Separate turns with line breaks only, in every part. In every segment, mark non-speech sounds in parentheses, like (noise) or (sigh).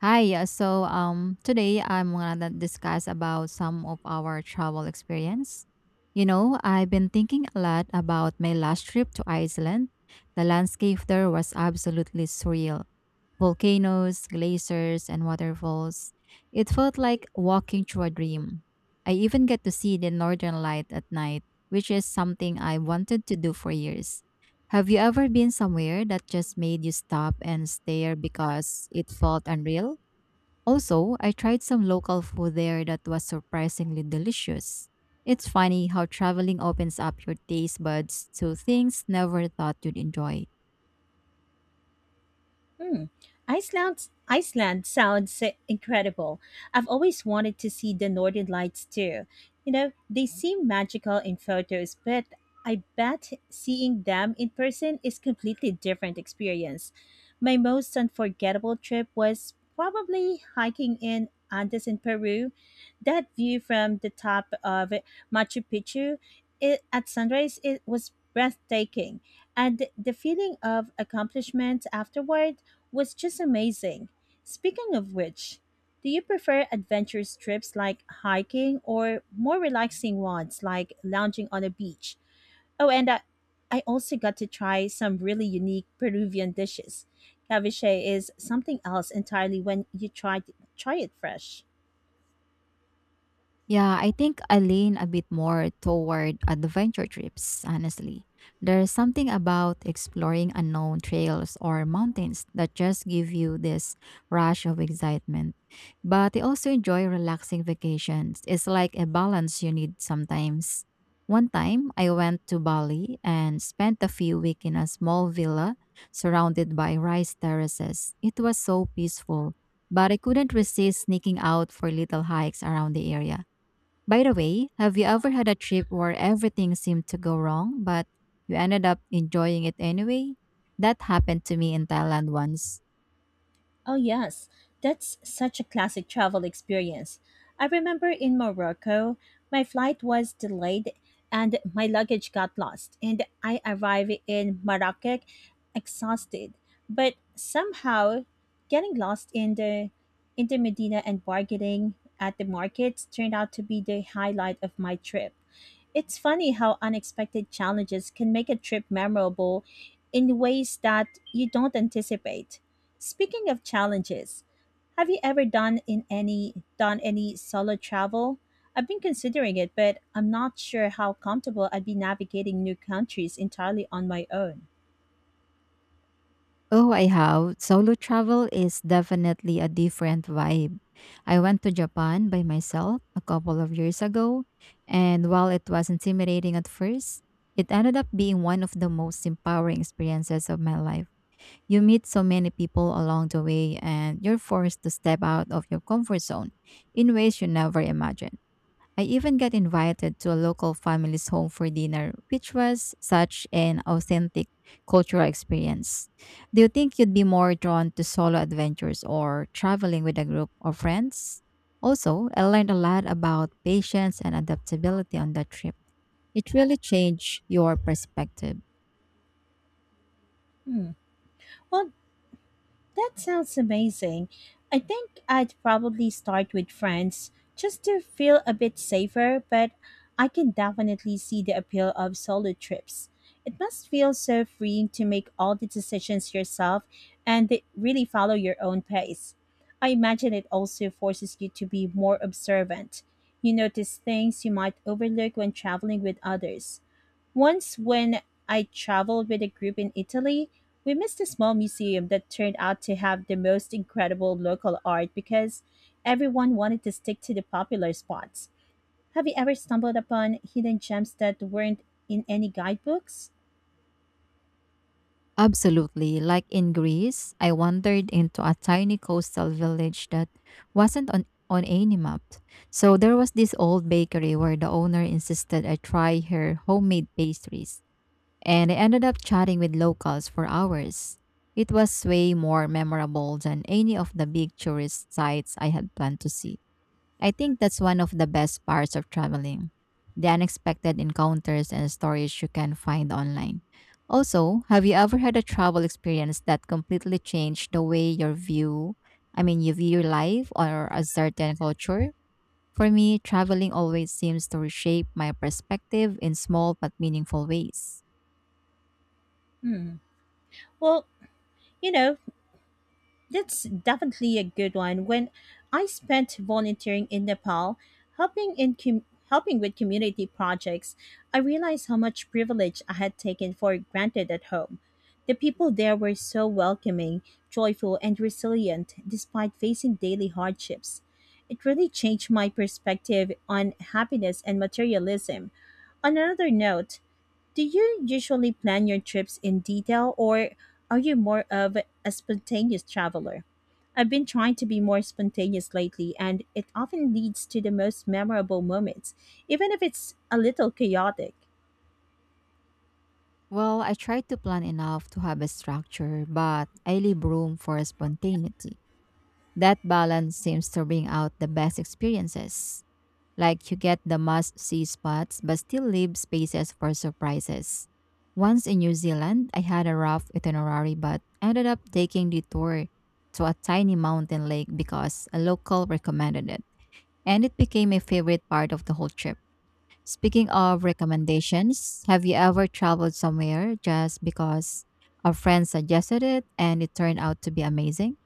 Hi, yeah, so today I'm gonna discuss about some of our travel experience. You know, I've been thinking a lot about my last trip to Iceland. The landscape there was absolutely surreal. Volcanoes, glaciers, and waterfalls. It felt like walking through a dream. I even get to see the northern light at night, which is something I wanted to do for years. Have you ever been somewhere that just made you stop and stare because it felt unreal? Also, I tried some local food there that was surprisingly delicious. It's funny how traveling opens up your taste buds to things never thought you'd enjoy.
Hmm. Iceland sounds incredible. I've always wanted to see the Northern Lights too. They seem magical in photos, but I bet seeing them in person is completely different experience. My most unforgettable trip was probably hiking in Andes in Peru. That view from the top of Machu Picchu at sunrise it was breathtaking, and the feeling of accomplishment afterward was just amazing. Speaking of which, do you prefer adventurous trips like hiking or more relaxing ones like lounging on a beach? Oh, and I also got to try some really unique Peruvian dishes. Ceviche is something else entirely when you try it fresh.
Yeah, I think I lean a bit more toward adventure trips, honestly. There's something about exploring unknown trails or mountains that just give you this rush of excitement. But I also enjoy relaxing vacations. It's like a balance you need sometimes. One time, I went to Bali and spent a few weeks in a small villa surrounded by rice terraces. It was so peaceful, but I couldn't resist sneaking out for little hikes around the area. By the way, have you ever had a trip where everything seemed to go wrong, but you ended up enjoying it anyway? That happened to me in Thailand once.
Oh, yes, that's such a classic travel experience. I remember in Morocco, my flight was delayed and my luggage got lost, and I arrived in Marrakech exhausted, but somehow getting lost in the Medina and bargaining at the markets turned out to be the highlight of my trip. It's funny how unexpected challenges can make a trip memorable in ways that you don't anticipate. Speaking of challenges, have you ever done any solo travel? I've been considering it, but I'm not sure how comfortable I'd be navigating new countries entirely on my own.
Oh, I have. Solo travel is definitely a different vibe. I went to Japan by myself a couple of years ago, and while it was intimidating at first, it ended up being one of the most empowering experiences of my life. You meet so many people along the way, and you're forced to step out of your comfort zone in ways you never imagined. I even got invited to a local family's home for dinner, which was such an authentic cultural experience. Do you think you'd be more drawn to solo adventures or traveling with a group of friends? Also, I learned a lot about patience and adaptability on that trip. It really changed your perspective.
Hmm. Well, that sounds amazing. I think I'd probably start with friends just to feel a bit safer, but I can definitely see the appeal of solo trips. It must feel so freeing to make all the decisions yourself and really follow your own pace. I imagine it also forces you to be more observant. You notice things you might overlook when traveling with others. Once, when I traveled with a group in Italy, we missed a small museum that turned out to have the most incredible local art because everyone wanted to stick to the popular spots. Have you ever stumbled upon hidden gems that weren't in any guidebooks?
Absolutely. Like in Greece, I wandered into a tiny coastal village that wasn't on any map. So there was this old bakery where the owner insisted I try her homemade pastries. And I ended up chatting with locals for hours. It was way more memorable than any of the big tourist sites I had planned to see. I think that's one of the best parts of traveling, the unexpected encounters and stories you can find online. Also, have you ever had a travel experience that completely changed the way your view, I mean, you view your life or a certain culture? For me, traveling always seems to reshape my perspective in small but meaningful ways.
Hmm. Well, you know, that's definitely a good one. When I spent volunteering in Nepal, helping in com- helping with community projects, I realized how much privilege I had taken for granted at home. The people there were so welcoming, joyful, and resilient despite facing daily hardships. It really changed my perspective on happiness and materialism. On another note, do you usually plan your trips in detail or are you more of a spontaneous traveler? I've been trying to be more spontaneous lately, and it often leads to the most memorable moments, even if it's a little chaotic.
Well, I try to plan enough to have a structure, but I leave room for spontaneity. That balance seems to bring out the best experiences. Like you get the must see spots but still leave spaces for surprises. Once in New Zealand, I had a rough itinerary but ended up taking the tour to a tiny mountain lake because a local recommended it. And it became a favorite part of the whole trip. Speaking of recommendations, have you ever traveled somewhere just because a friend suggested it and it turned out to be amazing?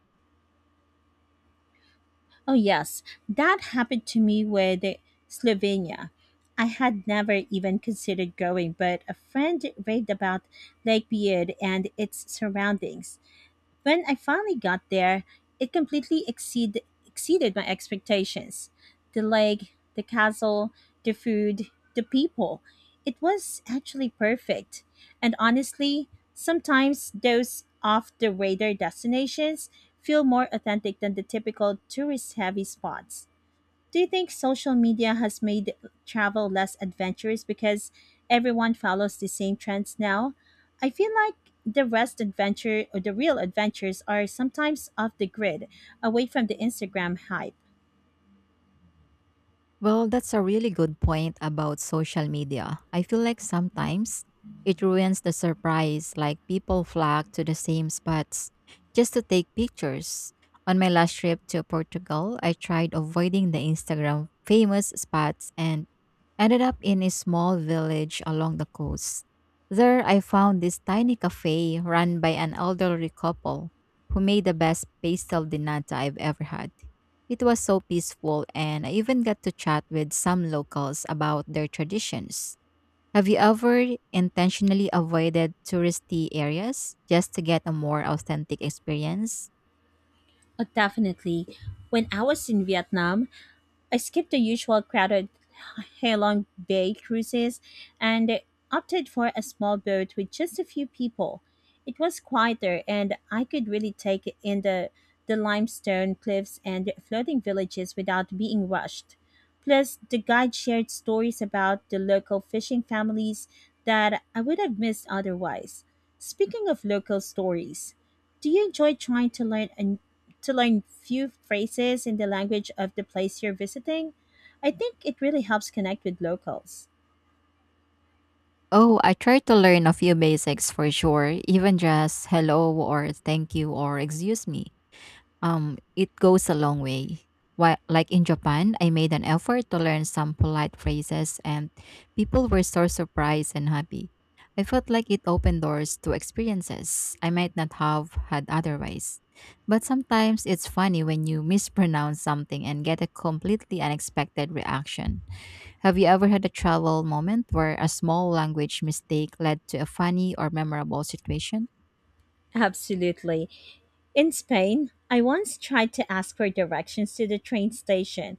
Oh, yes, that happened to me with Slovenia. I had never even considered going, but a friend raved about Lake Beard and its surroundings. When I finally got there, it completely exceeded my expectations. The lake, the castle, the food, the people. It was actually perfect. And honestly, sometimes those off the radar destinations feel more authentic than the typical tourist heavy spots. Do you think social media has made travel less adventurous because everyone follows the same trends now? I feel like the rest adventure or the real adventures are sometimes off the grid, away from the Instagram hype.
Well, that's a really good point about social media. I feel like sometimes it ruins the surprise, like people flock to the same spots just to take pictures. On my last trip to Portugal, I tried avoiding the Instagram famous spots and ended up in a small village along the coast. There, I found this tiny cafe run by an elderly couple who made the best pastel de nata I've ever had. It was so peaceful, and I even got to chat with some locals about their traditions. Have you ever intentionally avoided touristy areas just to get a more authentic experience?
Oh, definitely. When I was in Vietnam, I skipped the usual crowded Halong Bay cruises and opted for a small boat with just a few people. It was quieter and I could really take in the limestone cliffs and floating villages without being rushed. Plus, the guide shared stories about the local fishing families that I would have missed otherwise. Speaking of local stories, do you enjoy trying to learn a to learn few phrases in the language of the place you're visiting? I think it really helps connect with locals.
Oh, I try to learn a few basics for sure, even just hello or thank you or excuse me. It goes a long way. While, like in Japan, I made an effort to learn some polite phrases, and people were so surprised and happy. I felt like it opened doors to experiences I might not have had otherwise. But sometimes it's funny when you mispronounce something and get a completely unexpected reaction. Have you ever had a travel moment where a small language mistake led to a funny or memorable situation?
Absolutely. In Spain, I once tried to ask for directions to the train station,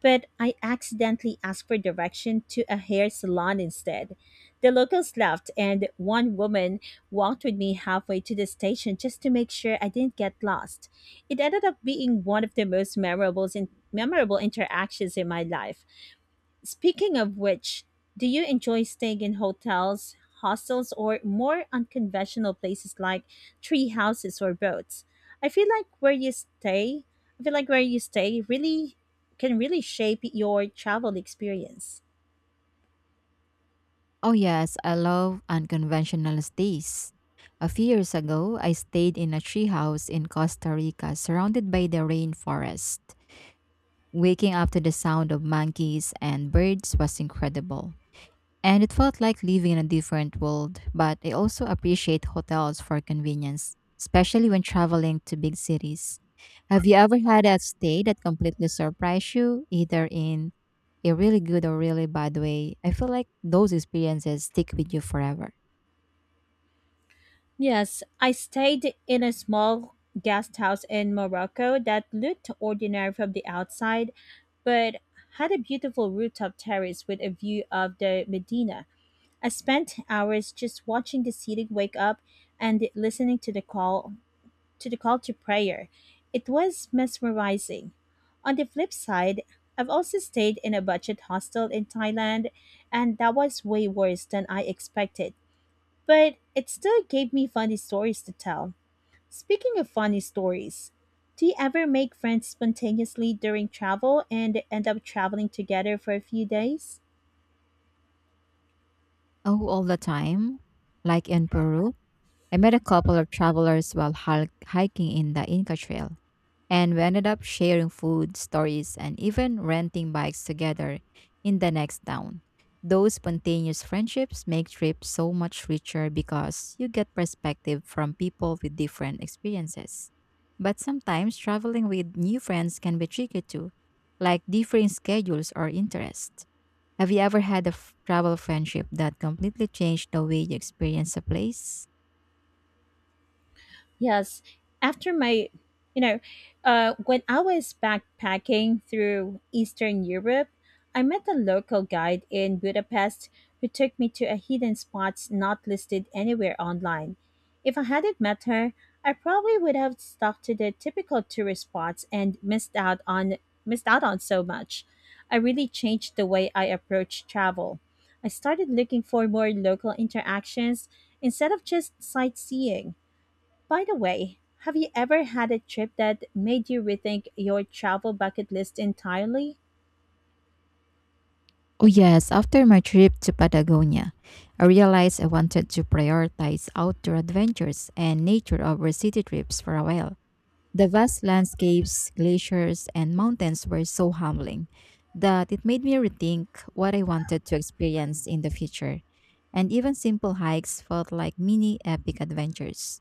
but I accidentally asked for direction to a hair salon instead. The locals laughed, and one woman walked with me halfway to the station just to make sure I didn't get lost. It ended up being one of the memorable interactions in my life. Speaking of which, do you enjoy staying in hotels, hostels, or more unconventional places like tree houses or boats? I feel like where you stay, I feel like where you stay really can really shape your travel experience.
Oh, yes, I love unconventional stays. A few years ago, I stayed in a treehouse in Costa Rica surrounded by the rainforest. Waking up to the sound of monkeys and birds was incredible, and it felt like living in a different world. But I also appreciate hotels for convenience, especially when traveling to big cities. Have you ever had a stay that completely surprised you, either in a really good or really bad way? I feel like those experiences stick with you forever.
Yes, I stayed in a small guest house in Morocco that looked ordinary from the outside, but had a beautiful rooftop terrace with a view of the Medina. I spent hours just watching the city wake up and listening to the call to prayer. It was mesmerizing. On the flip side, I've also stayed in a budget hostel in Thailand and that was way worse than I expected. But it still gave me funny stories to tell. Speaking of funny stories, do you ever make friends spontaneously during travel and end up traveling together for a few days?
Oh, all the time. Like in Peru, I met a couple of travelers while hiking in the Inca Trail. And we ended up sharing food, stories, and even renting bikes together in the next town. Those spontaneous friendships make trips so much richer because you get perspective from people with different experiences. But sometimes traveling with new friends can be tricky too, like differing schedules or interests. Have you ever had a travel friendship that completely changed the way you experience a place?
Yes. After my, you know, when I was backpacking through Eastern Europe, I met a local guide in Budapest who took me to a hidden spots not listed anywhere online. If I hadn't met her, I probably would have stuck to the typical tourist spots and missed out on so much. I really changed the way I approach travel. I started looking for more local interactions instead of just sightseeing. By the way, have you ever had a trip that made you rethink your travel bucket list entirely?
Oh, yes. After my trip to Patagonia, I realized I wanted to prioritize outdoor adventures and nature over city trips for a while. The vast landscapes, glaciers, and mountains were so humbling that it made me rethink what I wanted to experience in the future. And even simple hikes felt like mini epic adventures.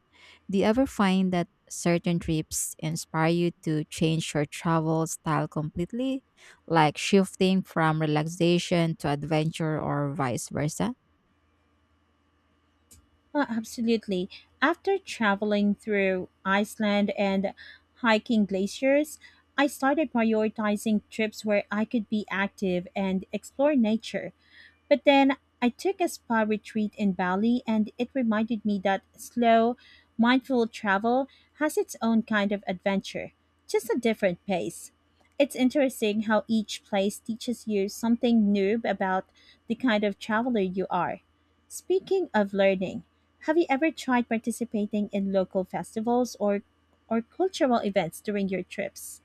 Do you ever find that certain trips inspire you to change your travel style completely, like shifting from relaxation to adventure or vice versa?
Absolutely. After traveling through Iceland and hiking glaciers, I started prioritizing trips where I could be active and explore nature. But then I took a spa retreat in Bali, and it reminded me that slow, mindful travel has its own kind of adventure, just a different pace. It's interesting how each place teaches you something new about the kind of traveler you are. Speaking of learning, have you ever tried participating in local festivals or cultural events during your trips?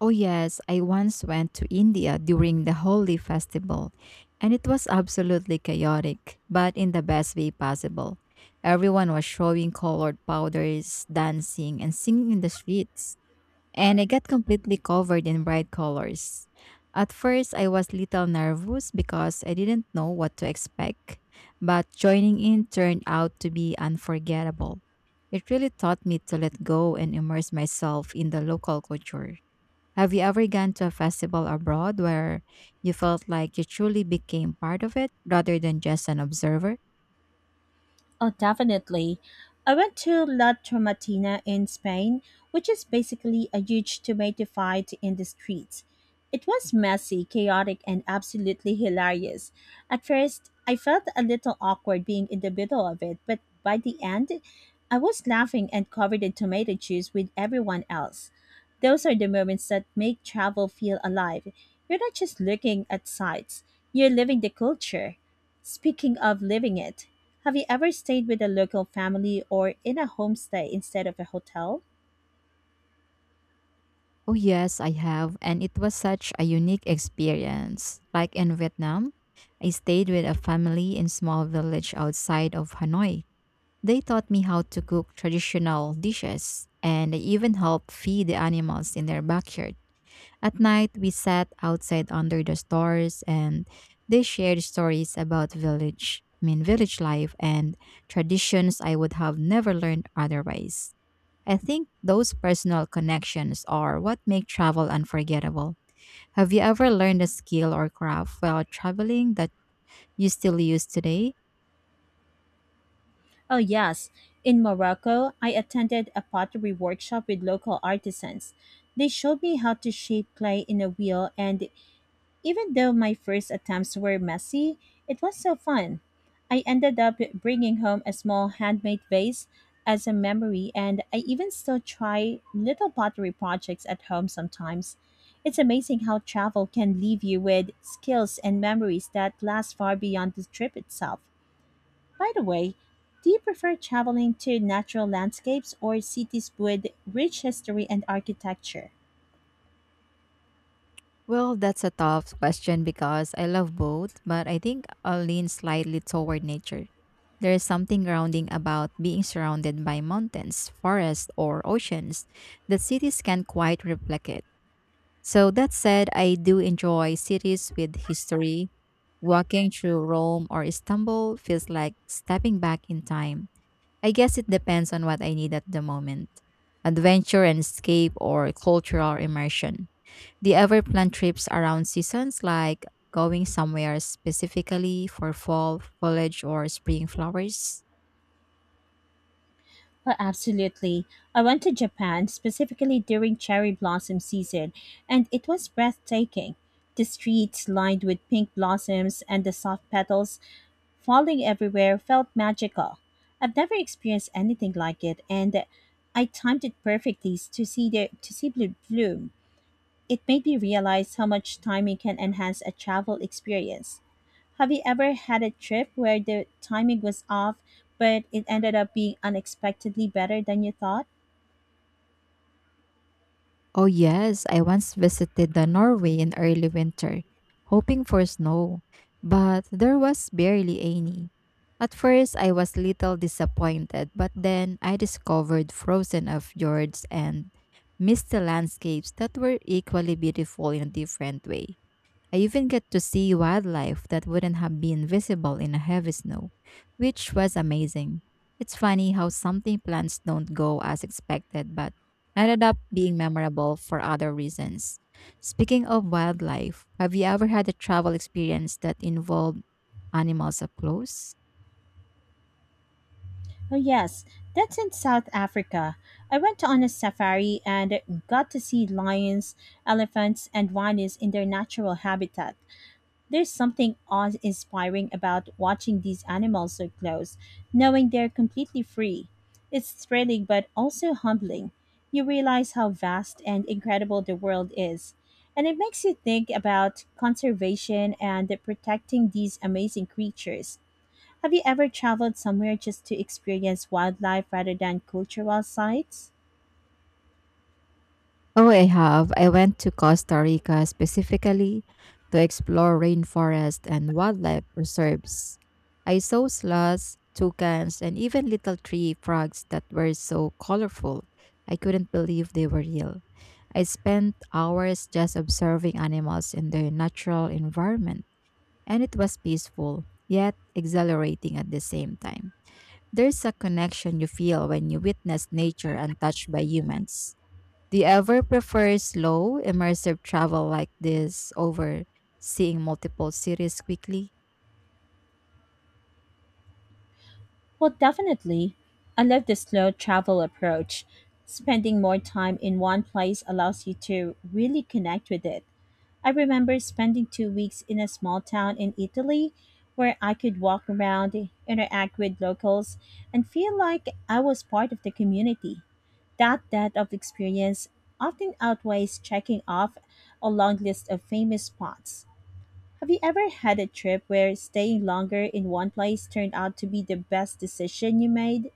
Oh, yes, I once went to India during the Holi festival, and it was absolutely chaotic, but in the best way possible. Everyone was showing colored powders, dancing, and singing in the streets, and I got completely covered in bright colors. At first, I was little nervous because I didn't know what to expect, but joining in turned out to be unforgettable. It really taught me to let go and immerse myself in the local culture. Have you ever gone to a festival abroad where you felt like you truly became part of it rather than just an observer?
Oh, definitely. I went to La Tomatina in Spain, which is basically a huge tomato fight in the streets. It was messy, chaotic, and absolutely hilarious. At first, I felt a little awkward being in the middle of it, but by the end, I was laughing and covered in tomato juice with everyone else. Those are the moments that make travel feel alive. You're not just looking at sights, you're living the culture. Speaking of living it, have you ever stayed with a local family or in a homestay instead of a hotel?
Oh, yes, I have. And it was such a unique experience. Like in Vietnam, I stayed with a family in small village outside of Hanoi. They taught me how to cook traditional dishes and they even helped feed the animals in their backyard. At night, we sat outside under the stars and they shared stories about village, I mean, village life and traditions I would have never learned otherwise. I think those personal connections are what make travel unforgettable. Have you ever learned a skill or craft while traveling that you still use today?
Oh, yes. In Morocco, I attended a pottery workshop with local artisans. They showed me how to shape clay in a wheel, and even though my first attempts were messy, it was so fun. I ended up bringing home a small handmade vase as a memory, and I even still try little pottery projects at home sometimes. It's amazing how travel can leave you with skills and memories that last far beyond the trip itself. By the way, do you prefer traveling to natural landscapes or cities with rich history and architecture?
Well, that's a tough question because I love both, but I think I'll lean slightly toward nature. There is something grounding about being surrounded by mountains, forests, or oceans that cities can't quite replicate. So, that said, I do enjoy cities with history. Walking through Rome or Istanbul feels like stepping back in time. I guess it depends on what I need at the moment, adventure and escape or cultural immersion. Do you ever plan trips around seasons like going somewhere specifically for fall foliage or spring flowers?
Oh, absolutely. I went to Japan specifically during cherry blossom season, and it was breathtaking. The streets lined with pink blossoms and the soft petals falling everywhere felt magical. I've never experienced anything like it, and I timed it perfectly to see the to see blue bloom. It made me realize how much timing can enhance a travel experience. Have you ever had a trip where the timing was off, but it ended up being unexpectedly better than you thought?
Oh, yes. I once visited the Norway in early winter, hoping for snow, but there was barely any. At first, I was little disappointed, but then I discovered frozen of fjords and misty landscapes that were equally beautiful in a different way. I even get to see wildlife that wouldn't have been visible in a heavy snow, which was amazing. It's funny how something plans don't go as expected but ended up being memorable for other reasons. Speaking of wildlife, have you ever had a travel experience that involved animals up close?
Oh, yes, that's in South Africa. I went on a safari and got to see lions, elephants, and rhinos in their natural habitat. There's something awe inspiring about watching these animals so close, knowing they're completely free. It's thrilling but also humbling. You realize how vast and incredible the world is. And it makes you think about conservation and protecting these amazing creatures. Have you ever traveled somewhere just to experience wildlife rather than cultural sites?
Oh, I have. I went to Costa Rica specifically to explore rainforest and wildlife reserves. I saw sloths, toucans, and even little tree frogs that were so colorful. I couldn't believe they were real. I spent hours just observing animals in their natural environment, and it was peaceful, yet exhilarating at the same time. There's a connection you feel when you witness nature untouched by humans. Do you ever prefer slow, immersive travel like this over seeing multiple cities quickly?
Well, definitely. I love the slow travel approach. Spending more time in one place allows you to really connect with it. I remember spending 2 weeks in a small town in Italy where I could walk around, interact with locals, and feel like I was part of the community. That depth of experience often outweighs checking off a long list of famous spots. Have you ever had a trip where staying longer in one place turned out to be the best decision you made?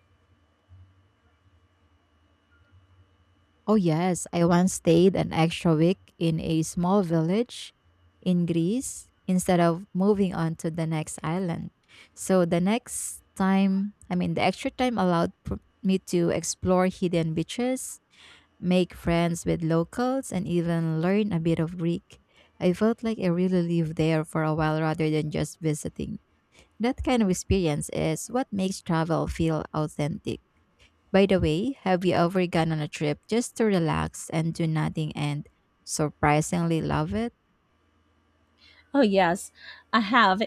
Oh, yes. I once stayed an extra week in a small village in Greece instead of moving on to the next island. So the next time, I mean, the extra time allowed me to explore hidden beaches, make friends with locals, and even learn a bit of Greek. I felt like I really lived there for a while rather than just visiting. That kind of experience is what makes travel feel authentic. By the way, have you ever gone on a trip just to relax and do nothing and surprisingly love it?
Oh, yes, I have.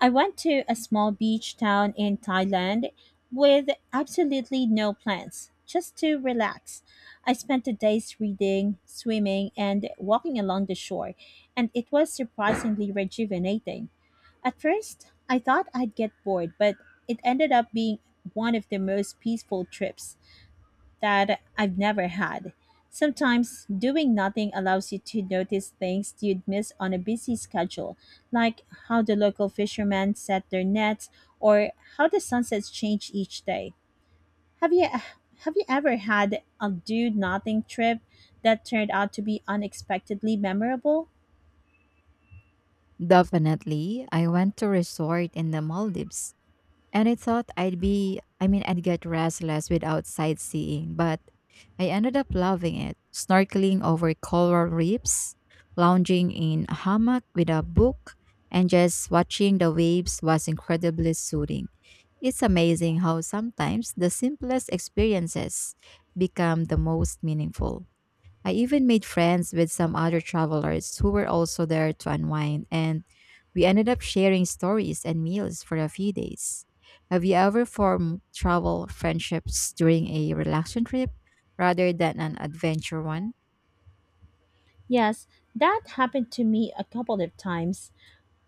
I went to a small beach town in Thailand with absolutely no plans, just to relax. I spent the days reading, swimming, and walking along the shore, and it was surprisingly rejuvenating. At first, I thought I'd get bored, but it ended up being one of the most peaceful trips that I've never had. Sometimes doing nothing allows you to notice things you'd miss on a busy schedule, like how the local fishermen set their nets or how the sunsets change each day. Have you have you ever had a do nothing trip that turned out to be unexpectedly memorable?
Definitely. I went to a resort in the Maldives, and I thought I'd be, I mean, I'd get restless without sightseeing, but I ended up loving it. Snorkeling over coral reefs, lounging in a hammock with a book, and just watching the waves was incredibly soothing. It's amazing how sometimes the simplest experiences become the most meaningful. I even made friends with some other travelers who were also there to unwind, and we ended up sharing stories and meals for a few days. Have you ever formed travel friendships during a relaxation trip rather than an adventure one?
Yes, that happened to me a couple of times.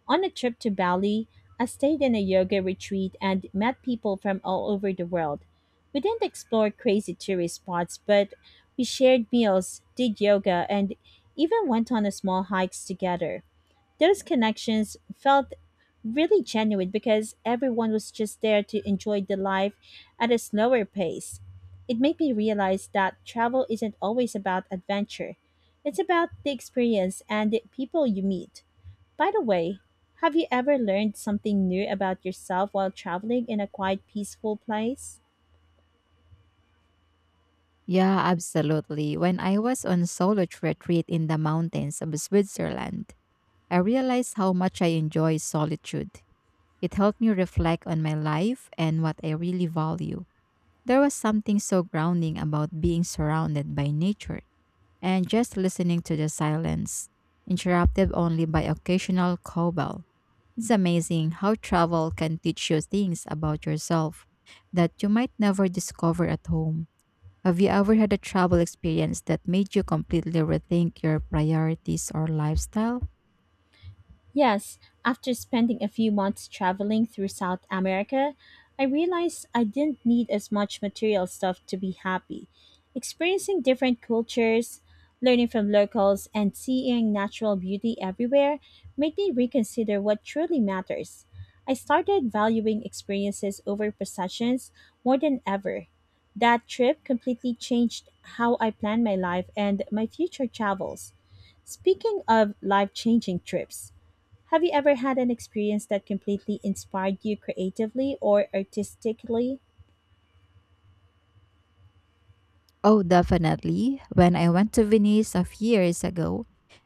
On a trip to Bali, I stayed in a yoga retreat and met people from all over the world. We didn't explore crazy tourist spots, but we shared meals, did yoga, and even went on a small hikes together. Those connections felt really genuine because everyone was just there to enjoy the life at a slower pace. It made me realize that travel isn't always about adventure. It's about the experience and the people you meet. By the way, have you ever learned something new about yourself while traveling in a quiet, peaceful place?
Yeah, absolutely. When I was on solo retreat in the mountains of Switzerland, I realized how much I enjoy solitude. It helped me reflect on my life and what I really value. There was something so grounding about being surrounded by nature and just listening to the silence, interrupted only by occasional cowbell. It's amazing how travel can teach you things about yourself that you might never discover at home. Have you ever had a travel experience that made you completely rethink your priorities or lifestyle?
Yes, after spending a few months traveling through South America, I realized I didn't need as much material stuff to be happy. Experiencing different cultures, learning from locals, and seeing natural beauty everywhere made me reconsider what truly matters. I started valuing experiences over possessions more than ever. That trip completely changed how I plan my life and my future travels. Speaking of life changing trips, have you ever had an experience that completely inspired you creatively or artistically?
Oh, definitely. When I went to Venice a few years ago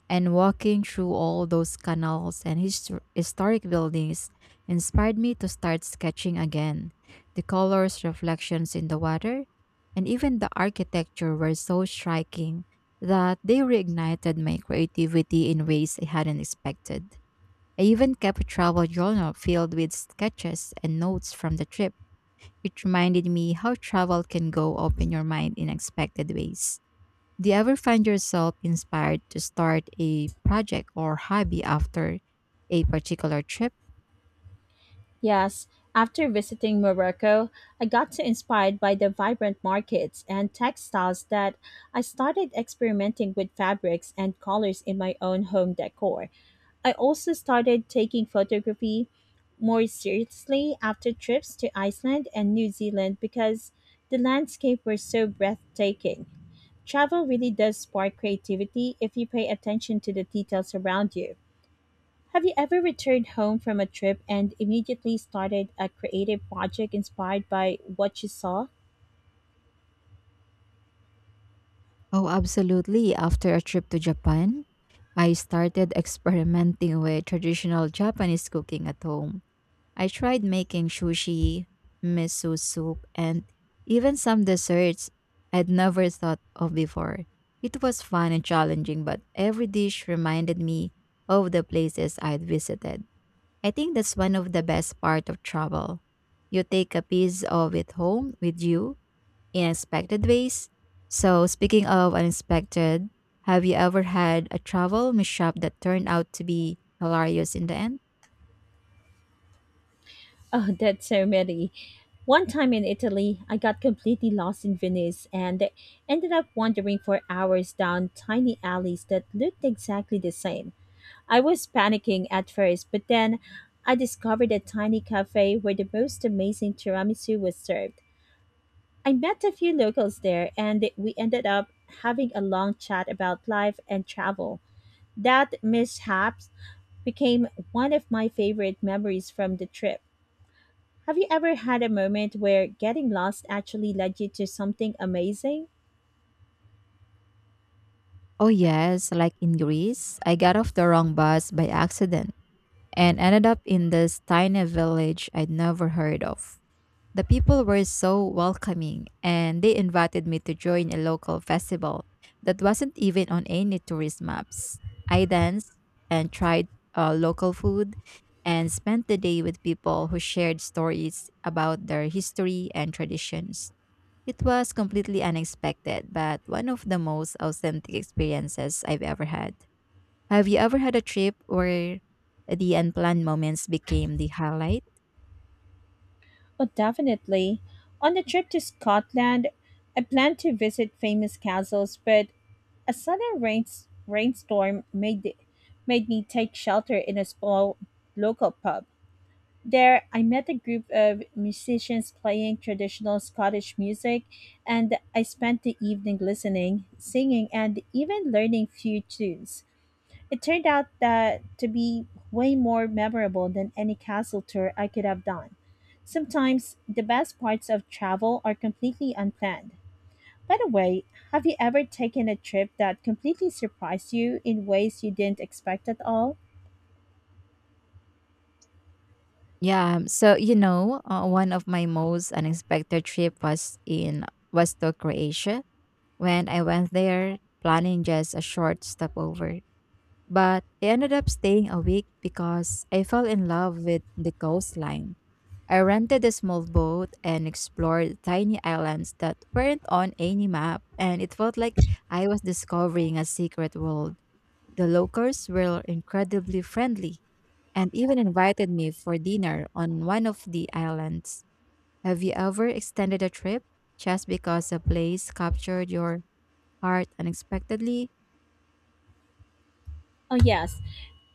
and walking through all those canals and historic buildings inspired me to start sketching again. The colors, reflections in the water, and even the architecture were so striking that they reignited my creativity in ways I hadn't expected. I even kept a travel journal filled with sketches and notes from the trip. It reminded me how travel can go open your mind in unexpected ways. Do you ever find yourself inspired to start a project or hobby after a particular trip?
Yes, after visiting Morocco, I got so inspired by the vibrant markets and textiles that I started experimenting with fabrics and colors in my own home decor. I also started taking photography more seriously after trips to Iceland and New Zealand because the landscape were so breathtaking. Travel really does spark creativity if you pay attention to the details around you. Have you ever returned home from a trip and immediately started a creative project inspired by what you saw? (laughs)
Oh, absolutely. After a trip to Japan, I started experimenting with traditional Japanese cooking at home. I tried making sushi, miso soup, and even some desserts I'd never thought of before. It was fun and challenging, but every dish reminded me of the places I'd visited. I think that's one of the best part of travel. You take a piece of it home with you in unexpected ways. So, speaking of unexpected, have you ever had a travel mishap that turned out to be hilarious in the end?
Oh, that's so many. One time in Italy, I got completely lost in Venice and ended up wandering for hours down tiny alleys that looked exactly the same. I was panicking at first, but then I discovered a tiny cafe where the most amazing tiramisu was served. I met a few locals there, and we ended up having a long chat about life and travel. That mishap became one of my favorite memories from the trip. Have you ever had a moment where getting lost actually led you to something amazing?
Oh, yes, like in Greece, I got off the wrong bus by accident and ended up in this tiny village I'd never heard of. The people were so welcoming and they invited me to join a local festival that wasn't even on any tourist maps. I danced and tried local food and spent the day with people who shared stories about their history and traditions. It was completely unexpected, but one of the most authentic experiences I've ever had. Have you ever had a trip where the unplanned moments became the highlight?
Oh, definitely. On the trip to Scotland, I planned to visit famous castles, but a rainstorm made me take shelter in a small local pub. There, I met a group of musicians playing traditional Scottish music, and I spent the evening listening, singing, and even learning few tunes. It turned out that to be way more memorable than any castle tour I could have done. Sometimes the best parts of travel are completely unplanned. By the way, have you ever taken a trip that completely surprised you in ways you didn't expect at all?
One of my most unexpected trip was in was to Croatia. When I went there, planning just a short stopover, but I ended up staying a week because I fell in love with the coastline. I rented a small boat and explored tiny islands that weren't on any map, and it felt like I was discovering a secret world. The locals were incredibly friendly and even invited me for dinner on one of the islands. Have you ever extended a trip just because a place captured your heart unexpectedly?
Oh, yes.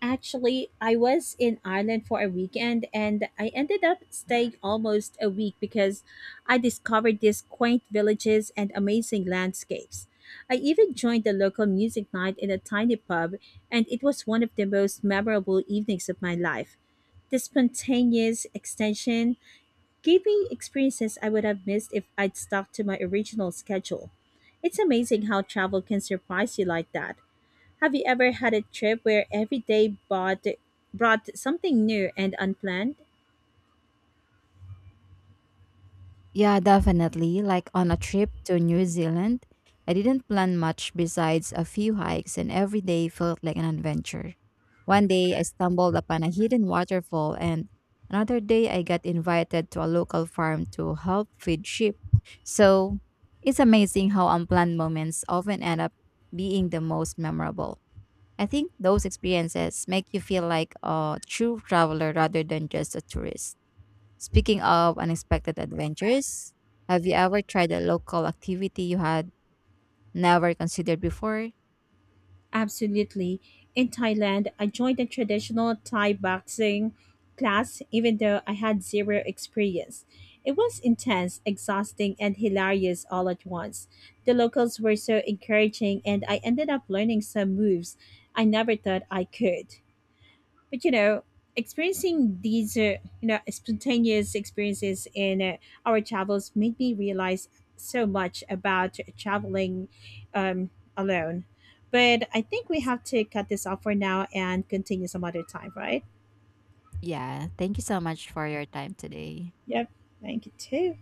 Actually, I was in Ireland for a weekend and I ended up staying almost a week because I discovered these quaint villages and amazing landscapes. I even joined the local music night in a tiny pub, and it was one of the most memorable evenings of my life. The spontaneous extension gave me experiences I would have missed if I'd stuck to my original schedule. It's amazing how travel can surprise you like that. Have you ever had a trip where every brought something new and unplanned?
Yeah, definitely. Like on a trip to New Zealand, I didn't plan much besides a few hikes, and every day felt like an adventure. One day I stumbled upon a hidden waterfall, and another day I got invited to a local farm to help feed sheep. So it's amazing how unplanned moments often end up being the most memorable. I think those experiences make you feel like a true traveler rather than just a tourist. Speaking of unexpected adventures, have you ever tried a local activity you had never considered before?
Absolutely. In Thailand, I joined a traditional Thai boxing class even though I had zero experience. It was intense, exhausting, and hilarious all at once. The locals were so encouraging, and I ended up learning some moves I never thought I could. But experiencing these spontaneous experiences in our travels made me realize so much about traveling um, alone. But I think we have to cut this off for now and continue some other time, right?
Yeah, thank you so much for your time today.
Yep, thank you too.